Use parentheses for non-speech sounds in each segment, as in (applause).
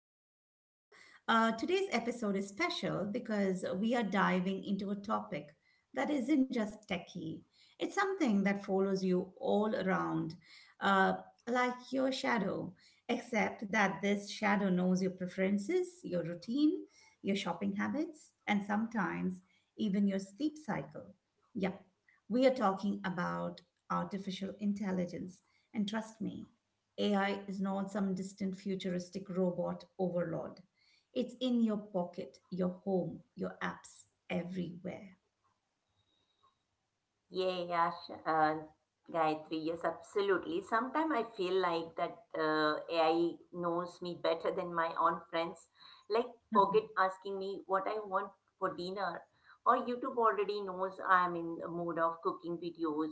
another episode. Today's episode is special because we are diving into a topic that isn't just techie, it's something that follows you all around, uh, like your shadow, except that this shadow knows your preferences, your routine, your shopping habits, and sometimes even your sleep cycle. Yeah, we are talking about artificial intelligence. And trust me, AI is not some distant futuristic robot overlord. It's in your pocket, your home, your apps, everywhere. Yeah, yeah, sh- uh, Gayatri, yes, absolutely. Sometimes I feel like that AI knows me better than my own friends. Like, forget asking me what I want for dinner, or YouTube already knows I'm in a mood of cooking videos,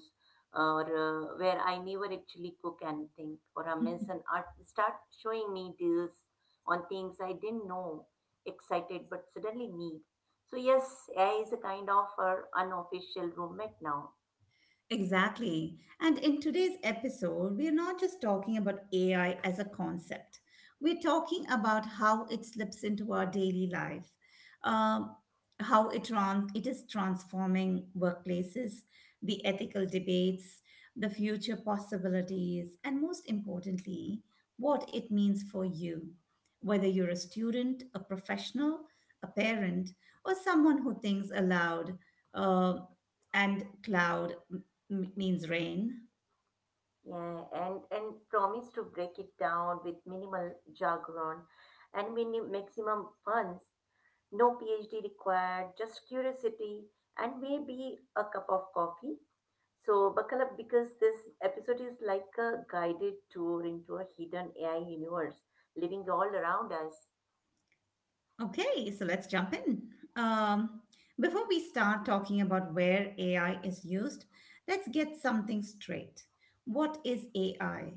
or where I never actually cook anything, or (laughs) Amazon art start showing me deals on things I didn't know, excited but suddenly need. So yes, AI is a kind of our unofficial roommate now. Exactly. And in today's episode, we are not just talking about AI as a concept, we're talking about how it slips into our daily life, um, it is transforming workplaces, the ethical debates, the future possibilities, and most importantly, what it means for you, whether you're a student, a professional, a parent, or someone who thinks aloud. Uh, and cloud means rain. Yeah, and promise to break it down with minimal jargon and maximum funds. No PhD required, just curiosity and maybe a cup of coffee. So buckle up because this episode is like a guided tour into a hidden AI universe living all around us. Okay, so let's jump in. Um, Before we start talking about where AI is used, let's get something straight. What is AI?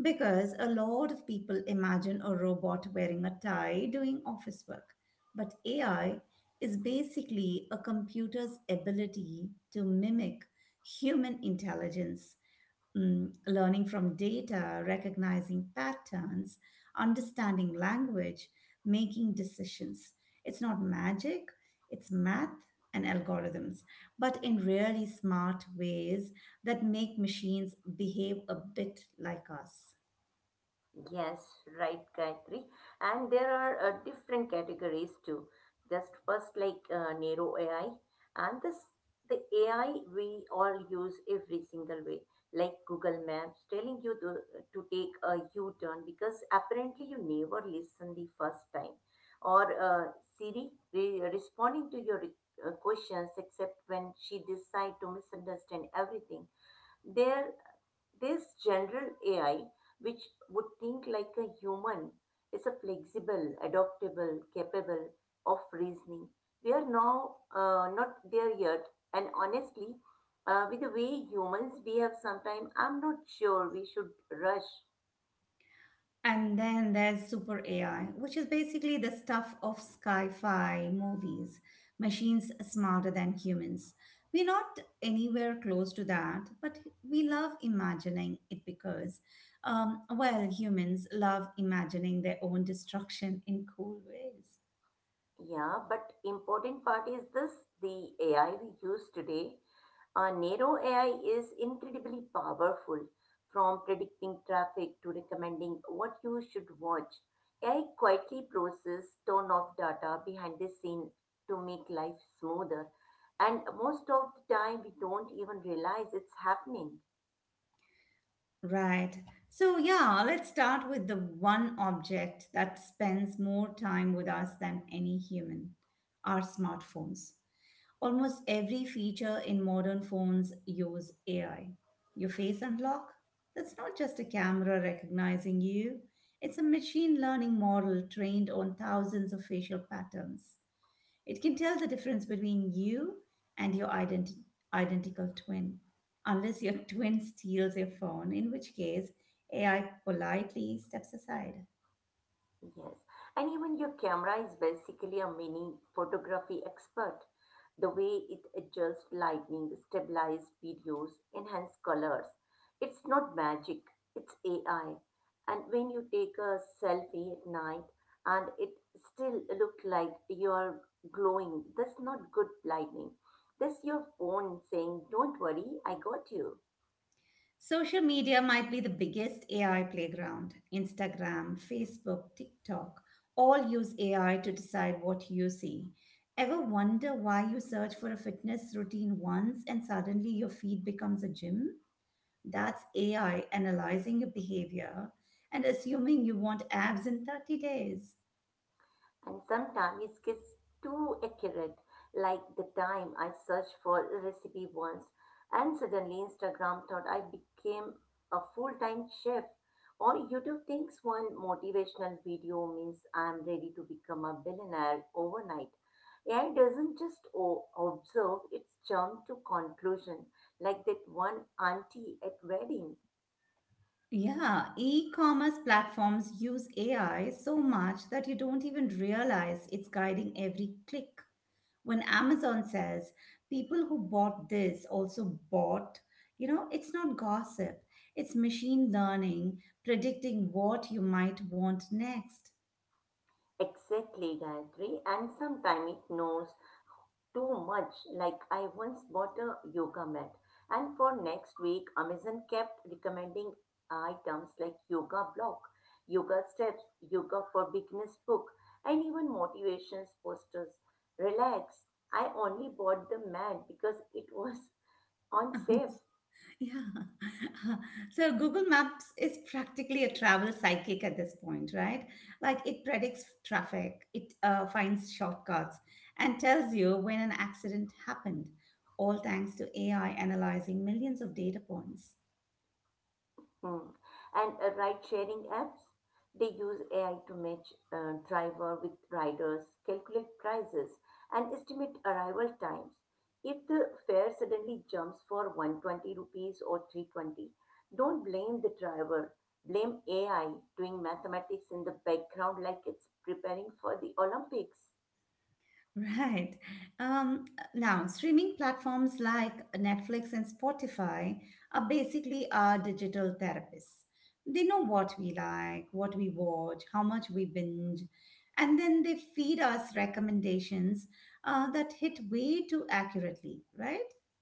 Because a lot of people imagine a robot wearing a tie doing office work, but AI is basically a computer's ability to mimic human intelligence. Learning from data, recognizing patterns, understanding language, making decisions. It's not magic, it's math and algorithms, but in really smart ways that make machines behave a bit like us. Yes, right, Gayatri. And there are different categories too. Just first, like narrow AI, and this the AI we all use every single way, like Google Maps telling you to take a U-turn because apparently you never listen the first time, or Siri responding to your questions except when she decide to misunderstand everything. There this general AI, which would think like a human, is a flexible, adaptable, capable of reasoning. We are now not there yet, and honestly, with the way humans behave sometimes, I'm not sure we should rush. And then there's super AI, which is basically the stuff of sci fi movies, machines smarter than humans. We're not anywhere close to that, but we love imagining it because, well, humans love imagining their own destruction in cool ways. Yeah, but important part is this, the AI we use today. Nero AI is incredibly powerful from predicting traffic to recommending what you should watch. AI quietly processes ton of data behind the scene to make life smoother. And most of the time, we don't even realize it's happening. Right. So, yeah, let's start with the one object that spends more time with us than any human, our smartphones. Almost every feature in modern phones use AI. Your face unlock? That's not just a camera recognizing you, it's a machine learning model trained on thousands of facial patterns. It can tell the difference between you and your identical twin, unless your (laughs) twin steals your phone, in which case AI politely steps aside. Yes. And even your camera is basically a mini photography expert. The way it adjusts lighting, stabilizes videos, enhances colors. It's not magic, it's AI. And when you take a selfie at night and it still look like you're glowing, that's not good lighting. That's your phone saying, "Don't worry, I got you." Social media might be the biggest AI playground. Instagram, Facebook, TikTok all use AI to decide what you see. Ever wonder why you search for a fitness routine once and suddenly your feed becomes a gym? That's AI analyzing your behavior and assuming you want abs in 30 days. And sometimes it gets too accurate, like the time I searched for a recipe once and suddenly Instagram thought I became a full-time chef, or YouTube thinks one motivational video means I'm ready to become a billionaire overnight. AI doesn't just observe, it's jump to conclusion like that one auntie at wedding. Yeah, e commerce platforms use AI so much that you don't even realize it's guiding every click. When Amazon says people who bought this also bought, you know, it's not gossip, it's machine learning predicting what you might want next. Exactly, Gayatri, and sometimes it knows too much. Like I once bought a yoga mat, and for next week, Amazon kept recommending items like yoga block, yoga steps, yoga for beginners book, and even motivations posters. Relax. I only bought the mat because it was (laughs) on (laughs) sale. Yeah. (laughs) So Google Maps is practically a travel psychic at this point, right? Like it predicts traffic, it finds shortcuts, and tells you when an accident happened, all thanks to AI analyzing millions of data points. Hmm. And ride sharing apps, they use AI to match driver with riders, calculate prices, and estimate arrival times. If the fare suddenly jumps for 120 rupees or 320, don't blame the driver. Blame AI doing mathematics in the background like it's preparing for the Olympics. Right. Um, Now, streaming platforms like Netflix and Spotify are basically our digital therapists. They know what we like, what we watch, how much we binge, and then they feed us recommendations that hit way too accurately, right? (laughs)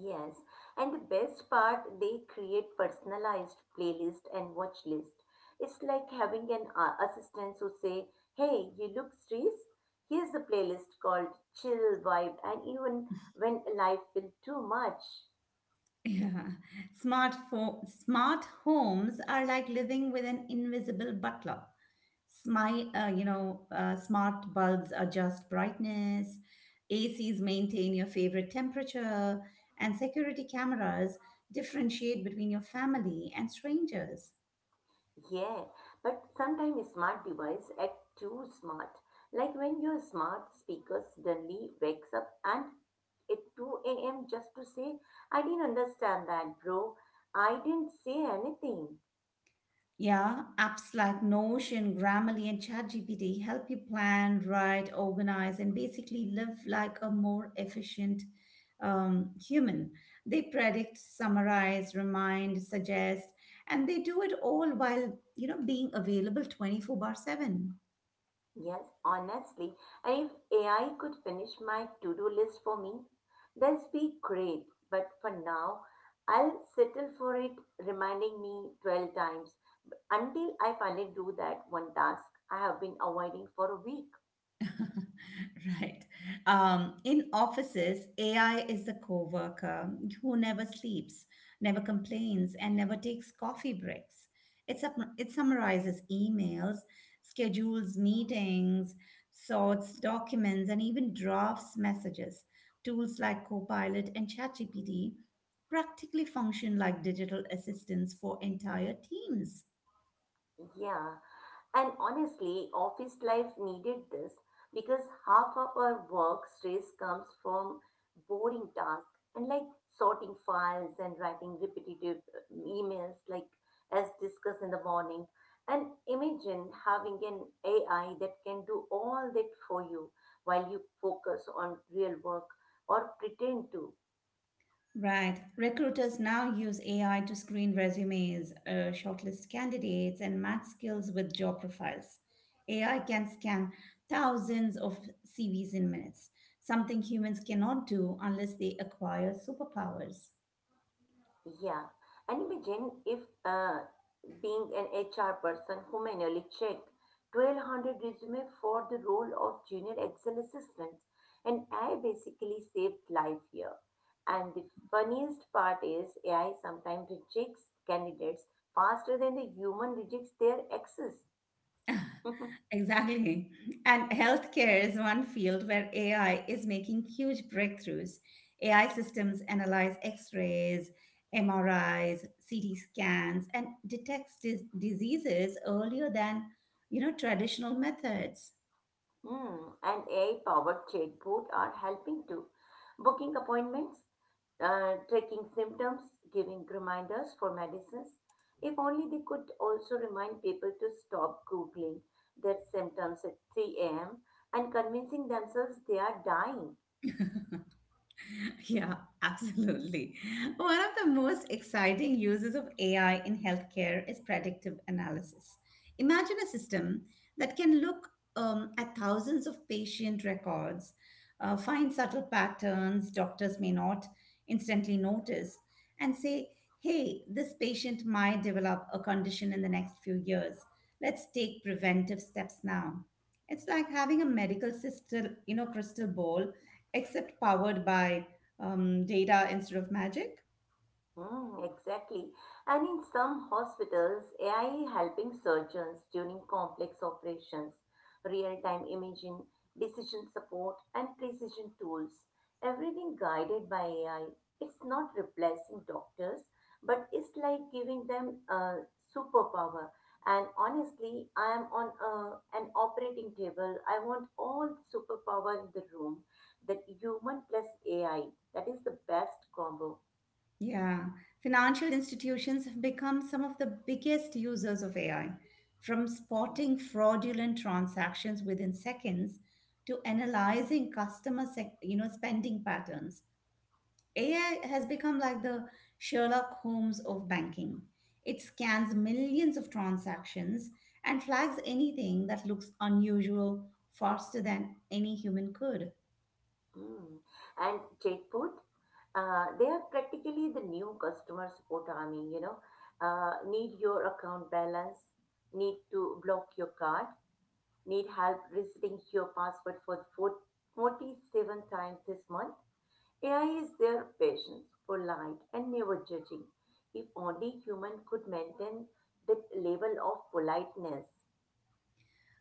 Yes, and the best part, they create personalized playlist and watch list. It's like having an assistant who say, "Hey, you look stressed. Here's a playlist called Chill Vibe." And even when life feels too much, Yeah. Smart homes are like living with an invisible butler. Smart bulbs adjust brightness, ACs maintain your favorite temperature, and security cameras differentiate between your family and strangers. yeah. But sometimes smart device act too smart. Like when your smart speaker suddenly wakes up and at 2 a.m. just to say, "I didn't understand that, bro. I didn't say anything." Yeah, apps like Notion, Grammarly, and ChatGPT help you plan, write, organize, and basically live like a more efficient human. They predict, summarize, remind, suggest, and they do it all while you know being available 24 bar seven. Yes, honestly, and if AI could finish my to do list for me, that'd be great. But for now, I'll settle for it reminding me 12 times until I finally do that one task I have been avoiding for a week. (laughs) Right. In offices, AI is the coworker who never sleeps, never complains, and never takes coffee breaks. It summarizes emails, schedules meetings, sorts documents, and even drafts messages. Tools like Copilot and ChatGPT practically function like digital assistants for entire teams. Yeah. And honestly, office life needed this because half of our work stress comes from boring tasks and like sorting files and writing repetitive emails, like as discussed in the morning. And imagine having an AI that can do all that for you while you focus on real work or pretend to. Right. Recruiters now use AI to screen resumes, shortlist candidates, and match skills with job profiles. AI can scan thousands of CVs in minutes, something humans cannot do unless they acquire superpowers. Yeah, and imagine if being an HR person who manually checked 1200 resumes for the role of junior Excel assistant, and I basically saved life here. And the funniest part is AI sometimes rejects candidates faster than the human rejects their access. (laughs) Exactly. And healthcare is one field where AI is making huge breakthroughs. AI systems analyze x rays, MRIs, CT scans, and detects diseases earlier than you know traditional methods. Hmm, and AI-powered chatbot are helping to booking appointments, tracking symptoms, giving reminders for medicines. If only they could also remind people to stop Googling their symptoms at 3 a.m. and convincing themselves they are dying. (laughs) Yeah, absolutely. One of the most exciting uses of AI in healthcare is predictive analysis. Imagine a system that can look at thousands of patient records, find subtle patterns doctors may not instantly notice, and say, hey, this patient might develop a condition in the next few years. Let's take preventive steps now. It's like having a medical system, you know, crystal ball, except powered by data instead of magic. Mm, exactly. And in some hospitals, AI helping surgeons during complex operations, real-time imaging, decision support, and precision tools, everything guided by AI. It's not replacing doctors, but it's like giving them a superpower. And honestly, I am on an operating table. I want all the superpower in the room, that human plus AI. That is the best combo. Yeah, financial institutions have become some of the biggest users of AI, from spotting fraudulent transactions within seconds to analyzing you know, spending patterns. AI has become like the Sherlock Holmes of banking. It scans millions of transactions and flags anything that looks unusual faster than any human could. Mm. And Jaipur, they are practically the new customer support army, you know. Need your account balance, need to block your card, need help resetting your password for the 47 times this month. AI is their patience, polite, and never judging. If only human could maintain that level of politeness.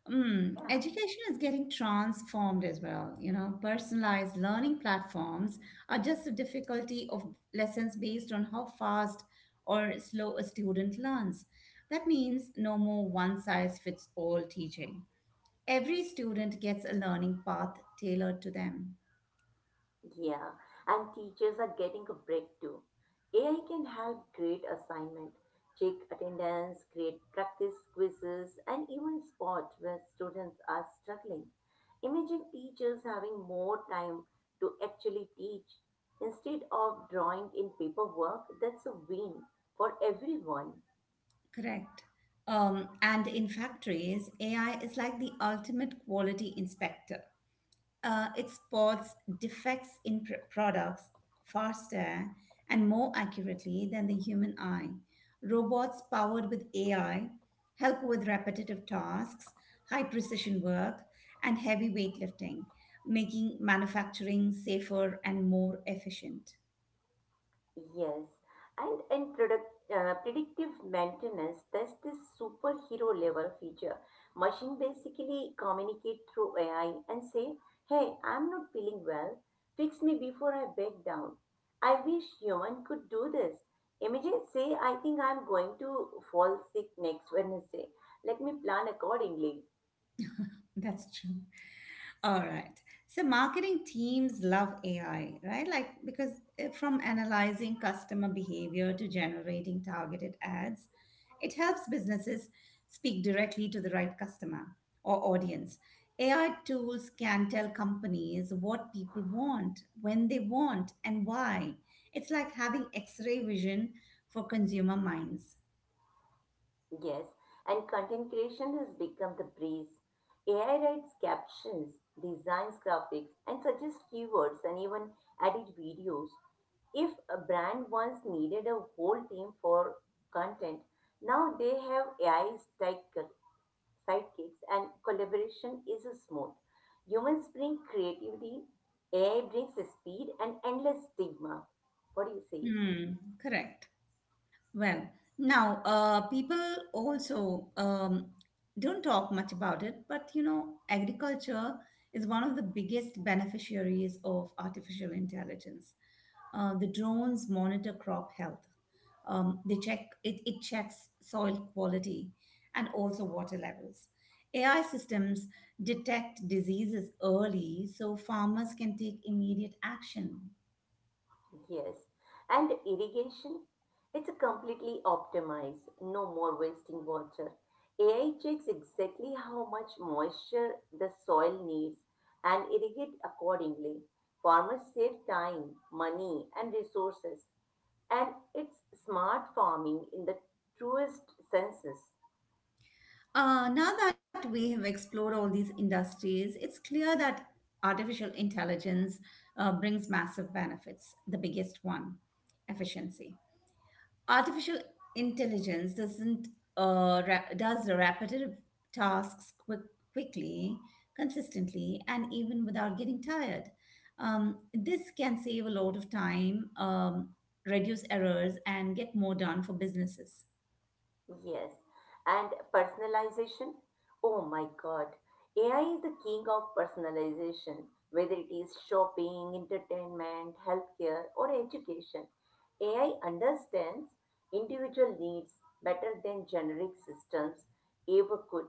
Yeah. Education is getting transformed as well. You know, personalized learning platforms are just the difficulty of lessons based on how fast or slow a student learns. That means no more one size fits all teaching. Every student gets a learning path tailored to them. Yeah, and teachers are getting a break too. AI can help grade assignment, check attendance, create practice quizzes, and even spot where students are struggling. Imagine teachers having more time to actually teach instead of drawing in paperwork. That's a win for everyone. Correct. And in factories, AI is like the ultimate quality inspector. It spots defects in products faster and more accurately than the human eye. Robots powered with AI help with repetitive tasks, high precision work, and heavy weightlifting, making manufacturing safer and more efficient. Yes, and in product, predictive maintenance, there's this superhero level feature. Machine basically communicate through AI and say, "Hey, I'm not feeling well. Fix me before I break down." I wish human could do this. Imagine say, "I think I'm going to fall sick next Wednesday. Let me plan accordingly." That's true. All right. So marketing teams love AI, right? Like because from analyzing customer behavior to generating targeted ads, it helps businesses speak directly to the right customer or audience. AI tools can tell companies what people want, when they want, and why. It's like having x-ray vision for consumer minds. Yes, and content creation has become the breeze. AI writes captions, designs graphics, and suggests keywords and even edit videos. If a brand once needed a whole team for content, now they have AI sidekick- sidekicks and collaboration is smooth. Humans bring creativity, AI brings speed and endless stigma. What do you say? Hmm, correct. Well, now people also don't talk much about it, but you know, agriculture is one of the biggest beneficiaries of artificial intelligence. The drones monitor crop health. It checks soil quality and also water levels. AI systems detect diseases early so farmers can take immediate action. Yes, and irrigation, it's completely optimized. No more wasting water. AI checks exactly how much moisture the soil needs and irrigate accordingly. Farmers save time, money, and resources, and it's smart farming in the truest senses. Now that we have explored all these industries, it's clear that artificial intelligence brings massive benefits. The biggest one, efficiency. Artificial intelligence doesn't does repetitive tasks quickly, consistently, and even without getting tired. This can save a lot of time, reduce errors, and get more done for businesses. Yes. And personalization? Oh my God. AI is the king of personalization, whether it is shopping, entertainment, healthcare, or education. AI understands individual needs better than generic systems ever could.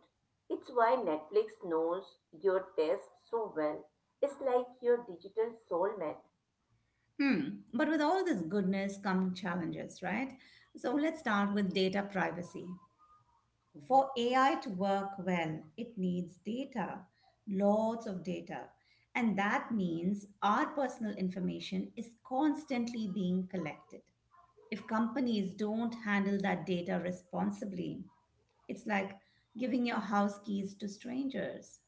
It's why Netflix knows your taste so well. It's like your digital soulmate. Hmm. But with all this goodness come challenges, right? So let's start with data privacy. Mm-hmm. For AI to work well, it needs data, lots of data. And that means our personal information is constantly being collected. If companies don't handle that data responsibly, it's like giving your house keys to strangers.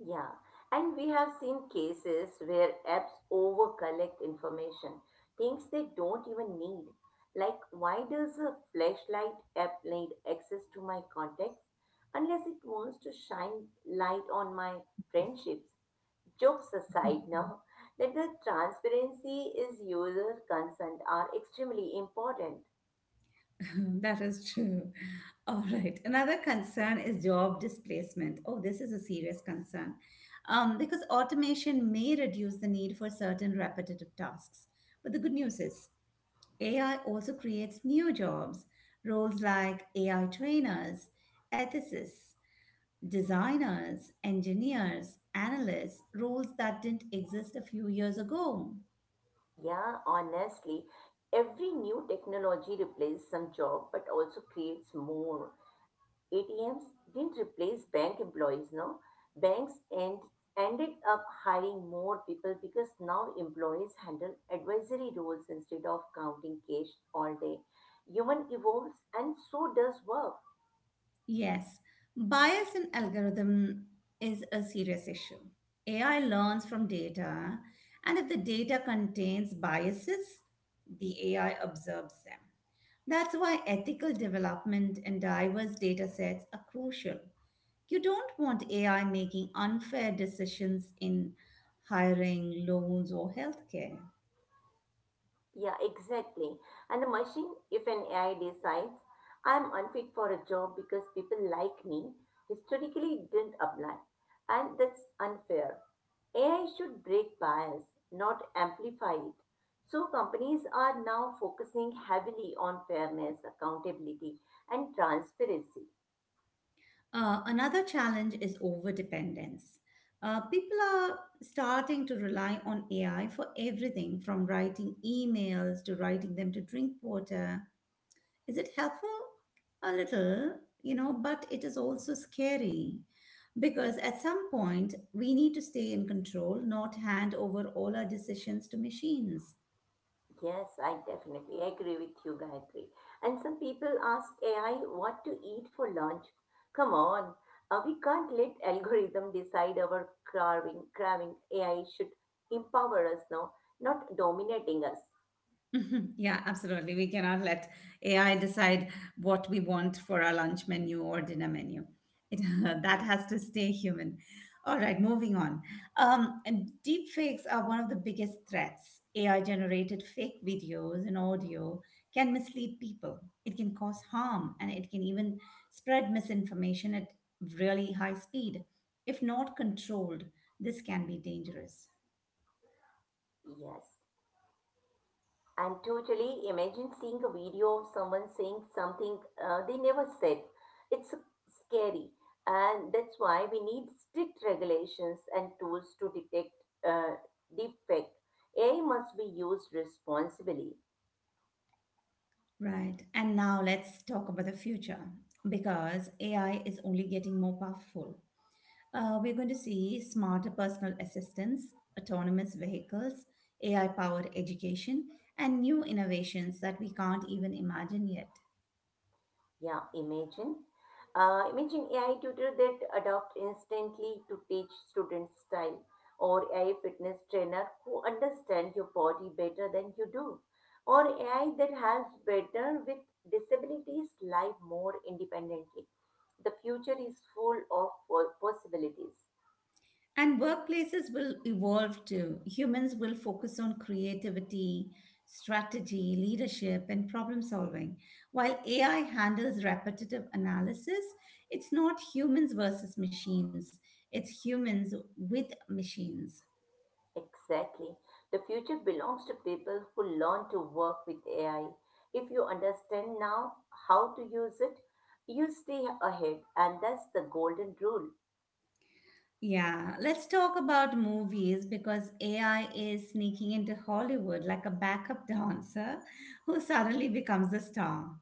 Yeah, and we have seen cases where apps overcollect information, things they don't even need. Like, why does a flashlight app need access to my contacts unless it wants to shine light on my friendships? Jokes aside, now that the transparency is user consent are extremely important. (laughs) That is true. All right. Another concern is job displacement. Oh, this is a serious concern. Because automation may reduce the need for certain repetitive tasks. But the good news is AI also creates new jobs, roles like AI trainers, ethicists, designers, engineers, analysts, roles that didn't exist a few years ago. Yeah, honestly, every new technology replaces some job but also creates more. ATMs didn't replace bank employees, no. Banks end, ended up hiring more people because now employees handle advisory roles instead of counting cash all day. Human evolves and so does work. Yes, bias in algorithm is a serious issue. AI learns from data, and if the data contains biases, the AI observes them. That's why ethical development and diverse data sets are crucial. You don't want AI making unfair decisions in hiring, loans, or healthcare. Yeah, exactly. And the machine, if an AI decides I'm unfit for a job because people like me, historically didn't apply. And that's unfair. AI should break bias, not amplify it. So companies are now focusing heavily on fairness, accountability, and transparency. Another challenge is overdependence. People are starting to rely on AI for everything from writing emails to writing them to drink water. Is it helpful? A little, you know, but it is also scary because at some point we need to stay in control, not hand over all our decisions to machines. Yes, I definitely agree with you, Gayatri. And some people ask AI what to eat for lunch. Come on, we can't let algorithm decide our carving, craving. AI should empower us now, not dominating us. Mhm. Yeah, absolutely. We cannot let AI decide what we want for our lunch menu or dinner menu. It, (laughs) that Hmm. has to stay human. All right, moving on. And deep fakes are one of the biggest threats. AI generated fake videos and audio can mislead people. It can cause harm and it can even spread misinformation at really high speed. If not controlled, this can be dangerous. Yes. And totally imagine seeing a video of someone saying something they never said. It's scary. And that's why we need strict regulations and tools to detect uh, deepfake. AI must be used responsibly. Right. And now let's talk about the future because AI is only getting more powerful. We're going to see smarter personal assistants, autonomous vehicles, AI powered education, and new innovations that we can't even imagine yet. Yeah, imagine. Imagine AI tutor that adopt instantly to teach students style or AI fitness trainer who understand your body better than you do or AI that helps better with disabilities live more independently. The future is full of possibilities. And workplaces will evolve too. Humans will focus on creativity, strategy, leadership, and problem solving. While AI handles repetitive analysis, it's not humans versus machines, it's humans with machines. Exactly. The future belongs to people who learn to work with AI. If you understand now how to use it, you stay ahead, and that's the golden rule. Yeah, let's talk about movies because AI is sneaking into Hollywood like a backup dancer who suddenly becomes a star.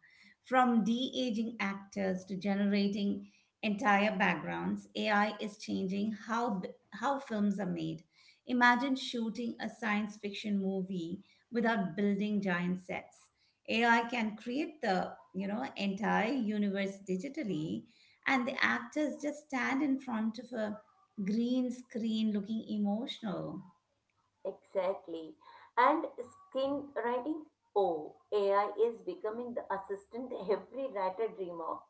From de-aging actors to generating entire backgrounds, AI is changing how films are made. Imagine shooting a science fiction movie without building giant sets. AI can create the, you know, entire universe digitally and the actors just stand in front of a green screen looking emotional. Exactly. And screenwriting? Oh, AI is becoming the assistant every writer dream of.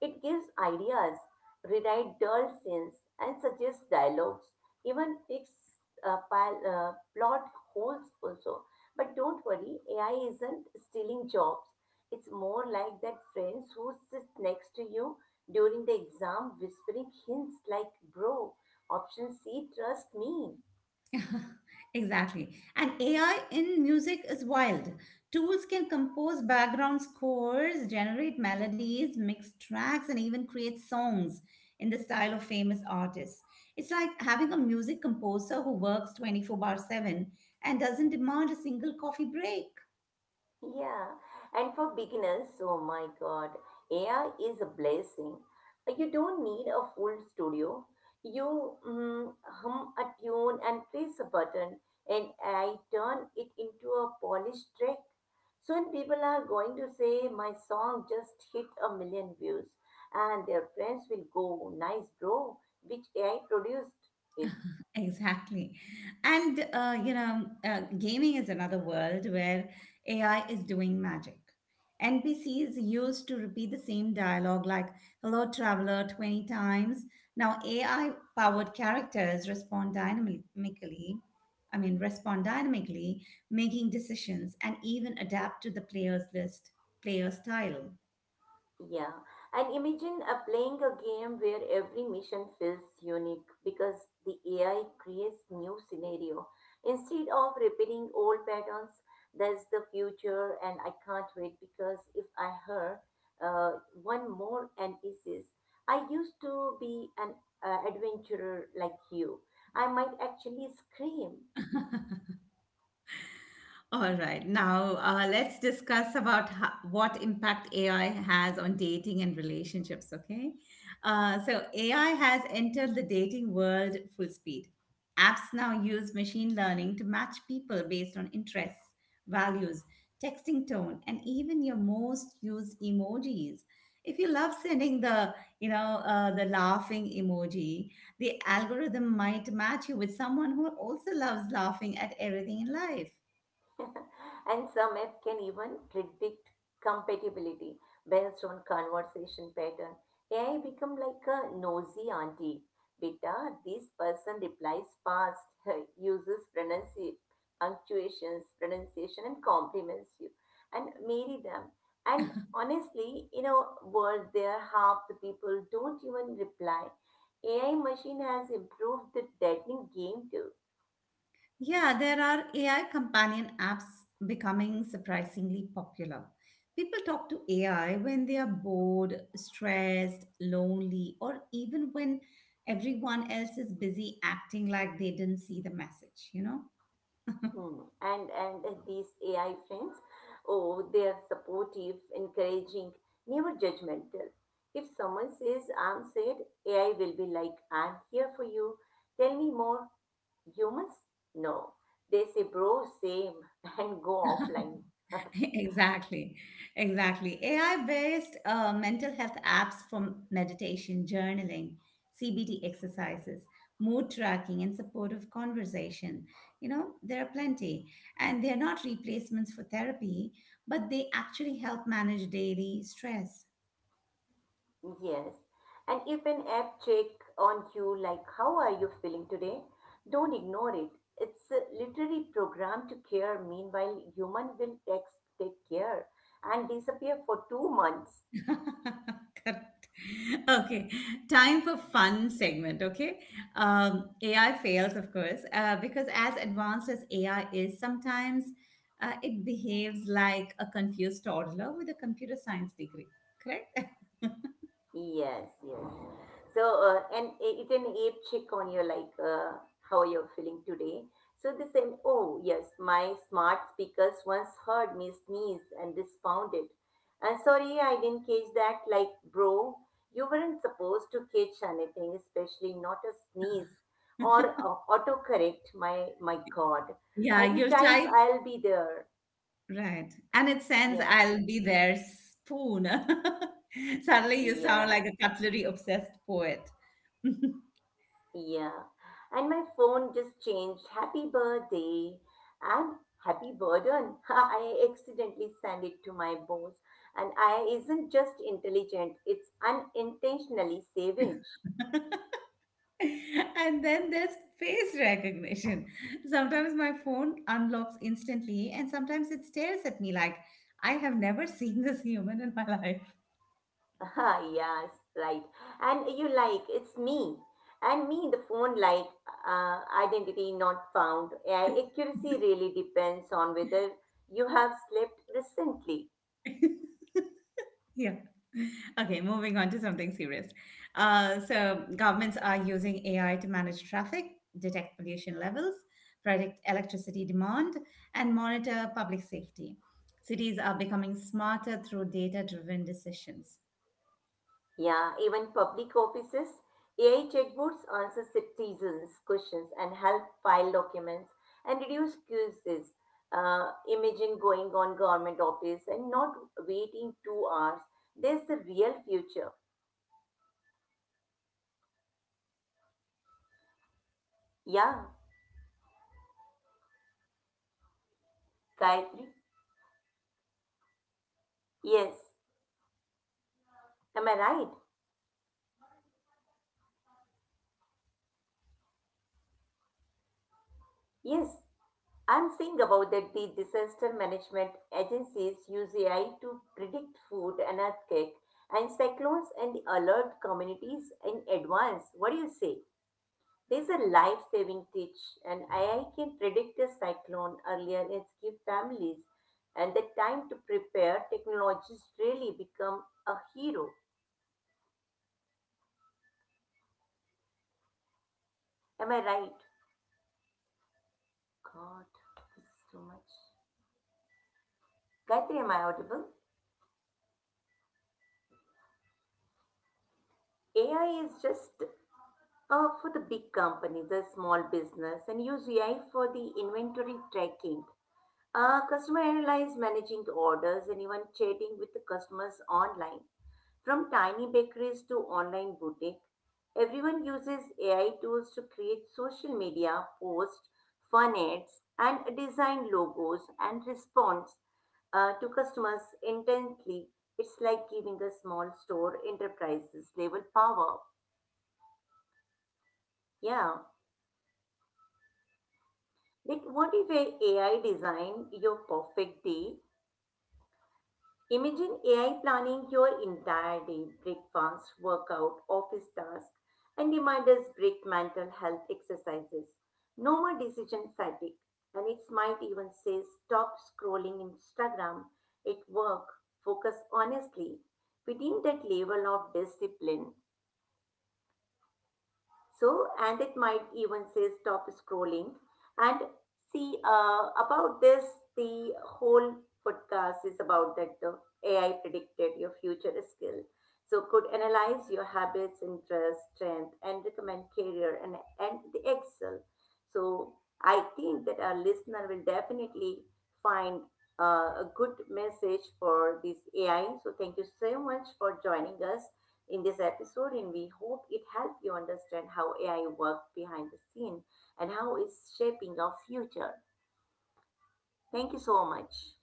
It gives ideas, rewrite dull scenes, and suggests dialogues, even fix plot holes also. But don't worry, AI isn't stealing jobs. It's more like that friends who sit next to you during the exam whispering hints like, "Bro, option C, trust me." (laughs) Exactly. And AI in music is wild. Tools can compose background scores, generate melodies, mix tracks, and even create songs in the style of famous artists. It's like having a music composer who works 24 bar 7 and doesn't demand a single coffee break. Yeah, and for beginners, oh my God, AI is a blessing. You don't need a full studio. You hum a tune and press a button, and I turn it into a polished track. Soon people are going to say my song just hit a million views, and their friends will go, "Nice, bro," which AI produced it. Exactly. And, gaming is another world where AI is doing magic. NPCs used to repeat the same dialogue like hello traveler 20 times. Now AI powered characters respond dynamically, I mean respond dynamically, making decisions and even adapt to the player style. Yeah, and imagine playing a game where every mission feels unique because the AI creates new scenario instead of repeating old patterns. That's the future, and I can't wait because if I heard uh, one more and this is, I used to be an adventurer like you. I might actually scream. All right. Now, let's discuss about what impact AI has on dating and relationships, okay? So, AI has entered the dating world full speed. Apps now use machine learning to match people based on interests, values, texting tone, and even your most used emojis. If you love sending the laughing emoji, the algorithm might match you with someone who also loves laughing at everything in life. (laughs) And some app can even predict compatibility based on conversation pattern. AI become like a nosy auntie. Beta, this person replies fast, (laughs) uses punctuations, pronunciation, and compliments you, and marry them. And honestly, in a world there half the people don't even reply. AI machine has improved the dating game too. Yeah, there are AI companion apps becoming surprisingly popular. People talk to AI when they are bored, stressed, lonely, or even when everyone else is busy acting like they didn't see the message, you know? (laughs) Hmm. And these AI friends, oh, they are supportive, encouraging, never judgmental. If someone says I'm sad, AI will be like, I'm here for you. Tell me more. Humans? No. They say, bro, same, (laughs) and go offline. (laughs) Exactly, exactly. AI based mental health apps for meditation, journaling, CBT exercises, mood tracking, and supportive conversation. You know, there are plenty. And they're not replacements for therapy, but they actually help manage daily stress. Yes. And if an app check on you like how are you feeling today, don't ignore it. It's a literally programmed to care. Meanwhile, human will text take care and disappear for two months. (laughs) Correct. Okay, time for fun segment. Okay, AI fails, of course, because as advanced as AI is, sometimes it behaves like a confused toddler with a computer science degree. Correct. (laughs) Yes, yes. So, and it's an ape check on you, like how you're feeling today. So they said, oh yes, my smart speakers once heard me sneeze and responded. And sorry, I didn't catch that. Like, bro, you weren't supposed to catch anything, especially not a sneeze or autocorrect. My God, Yeah, you you'll type. type, I'll be there. Right. And it sends, Yeah, I'll be there, spoon. (laughs) Suddenly you sound yeah. like a cutlery obsessed poet. (laughs) Yeah. And my phone just changed happy birthday and happy burden. (laughs) I accidentally sent it to my boss. And I isn't just intelligent, it's unintentionally savage. And then there's face recognition. Sometimes my phone unlocks instantly, and sometimes it stares at me like, I have never (laughs) seen this human in my life. (laughs) Yes, right. And you like, it's me. And me, the phone like uh, identity not found. Accuracy really depends on whether you have slept recently. (laughs) Yeah. Okay, moving on to something serious. So, governments are using AI to manage traffic, detect pollution levels, predict electricity demand, and monitor public safety. Cities are becoming smarter through data driven decisions. Yeah, even public offices, AI chatbots answer citizens' questions and help file documents and reduce queues. Imagine going on government office and not waiting two hours. There's the real future. Yeah, Gayatri. Yes. Oh Am I right? Yes. I'm saying about that the disaster management agencies use AI to predict food and earthquake and cyclones and alert communities in advance. What do you say? There's a life-saving teach, and AI can predict a cyclone earlier and give families and the time to prepare. Technologies really become a hero. Am I right? God, this is too much. Gayatri, am I audible? AI is just for the big companies, the small business, and use AI for the inventory tracking. Customer analyze managing the orders and even chatting with the customers online. From tiny bakeries to online boutique, everyone uses AI tools to create social media posts, fun ads, and design logos and response to customers intently. It's like giving a small store enterprises level power. Yeah. Like, what if a AI design your perfect day? Imagine AI planning your entire day, breakfast, workout, office tasks, and reminders break mental health exercises. No more decision fatigue. And it might even say stop scrolling Instagram at work, focus honestly. We need that level of discipline, so and it might even say stop scrolling and see about this the whole podcast is about that the AI predicted your future skill, so could analyze your habits interests, strength and recommend career and the excel. So I think that our listener will definitely find a good message for this AI, so thank you so much for joining us in this episode, and we hope it helped you understand how AI works behind the scene and how it's shaping our future. Thank you so much.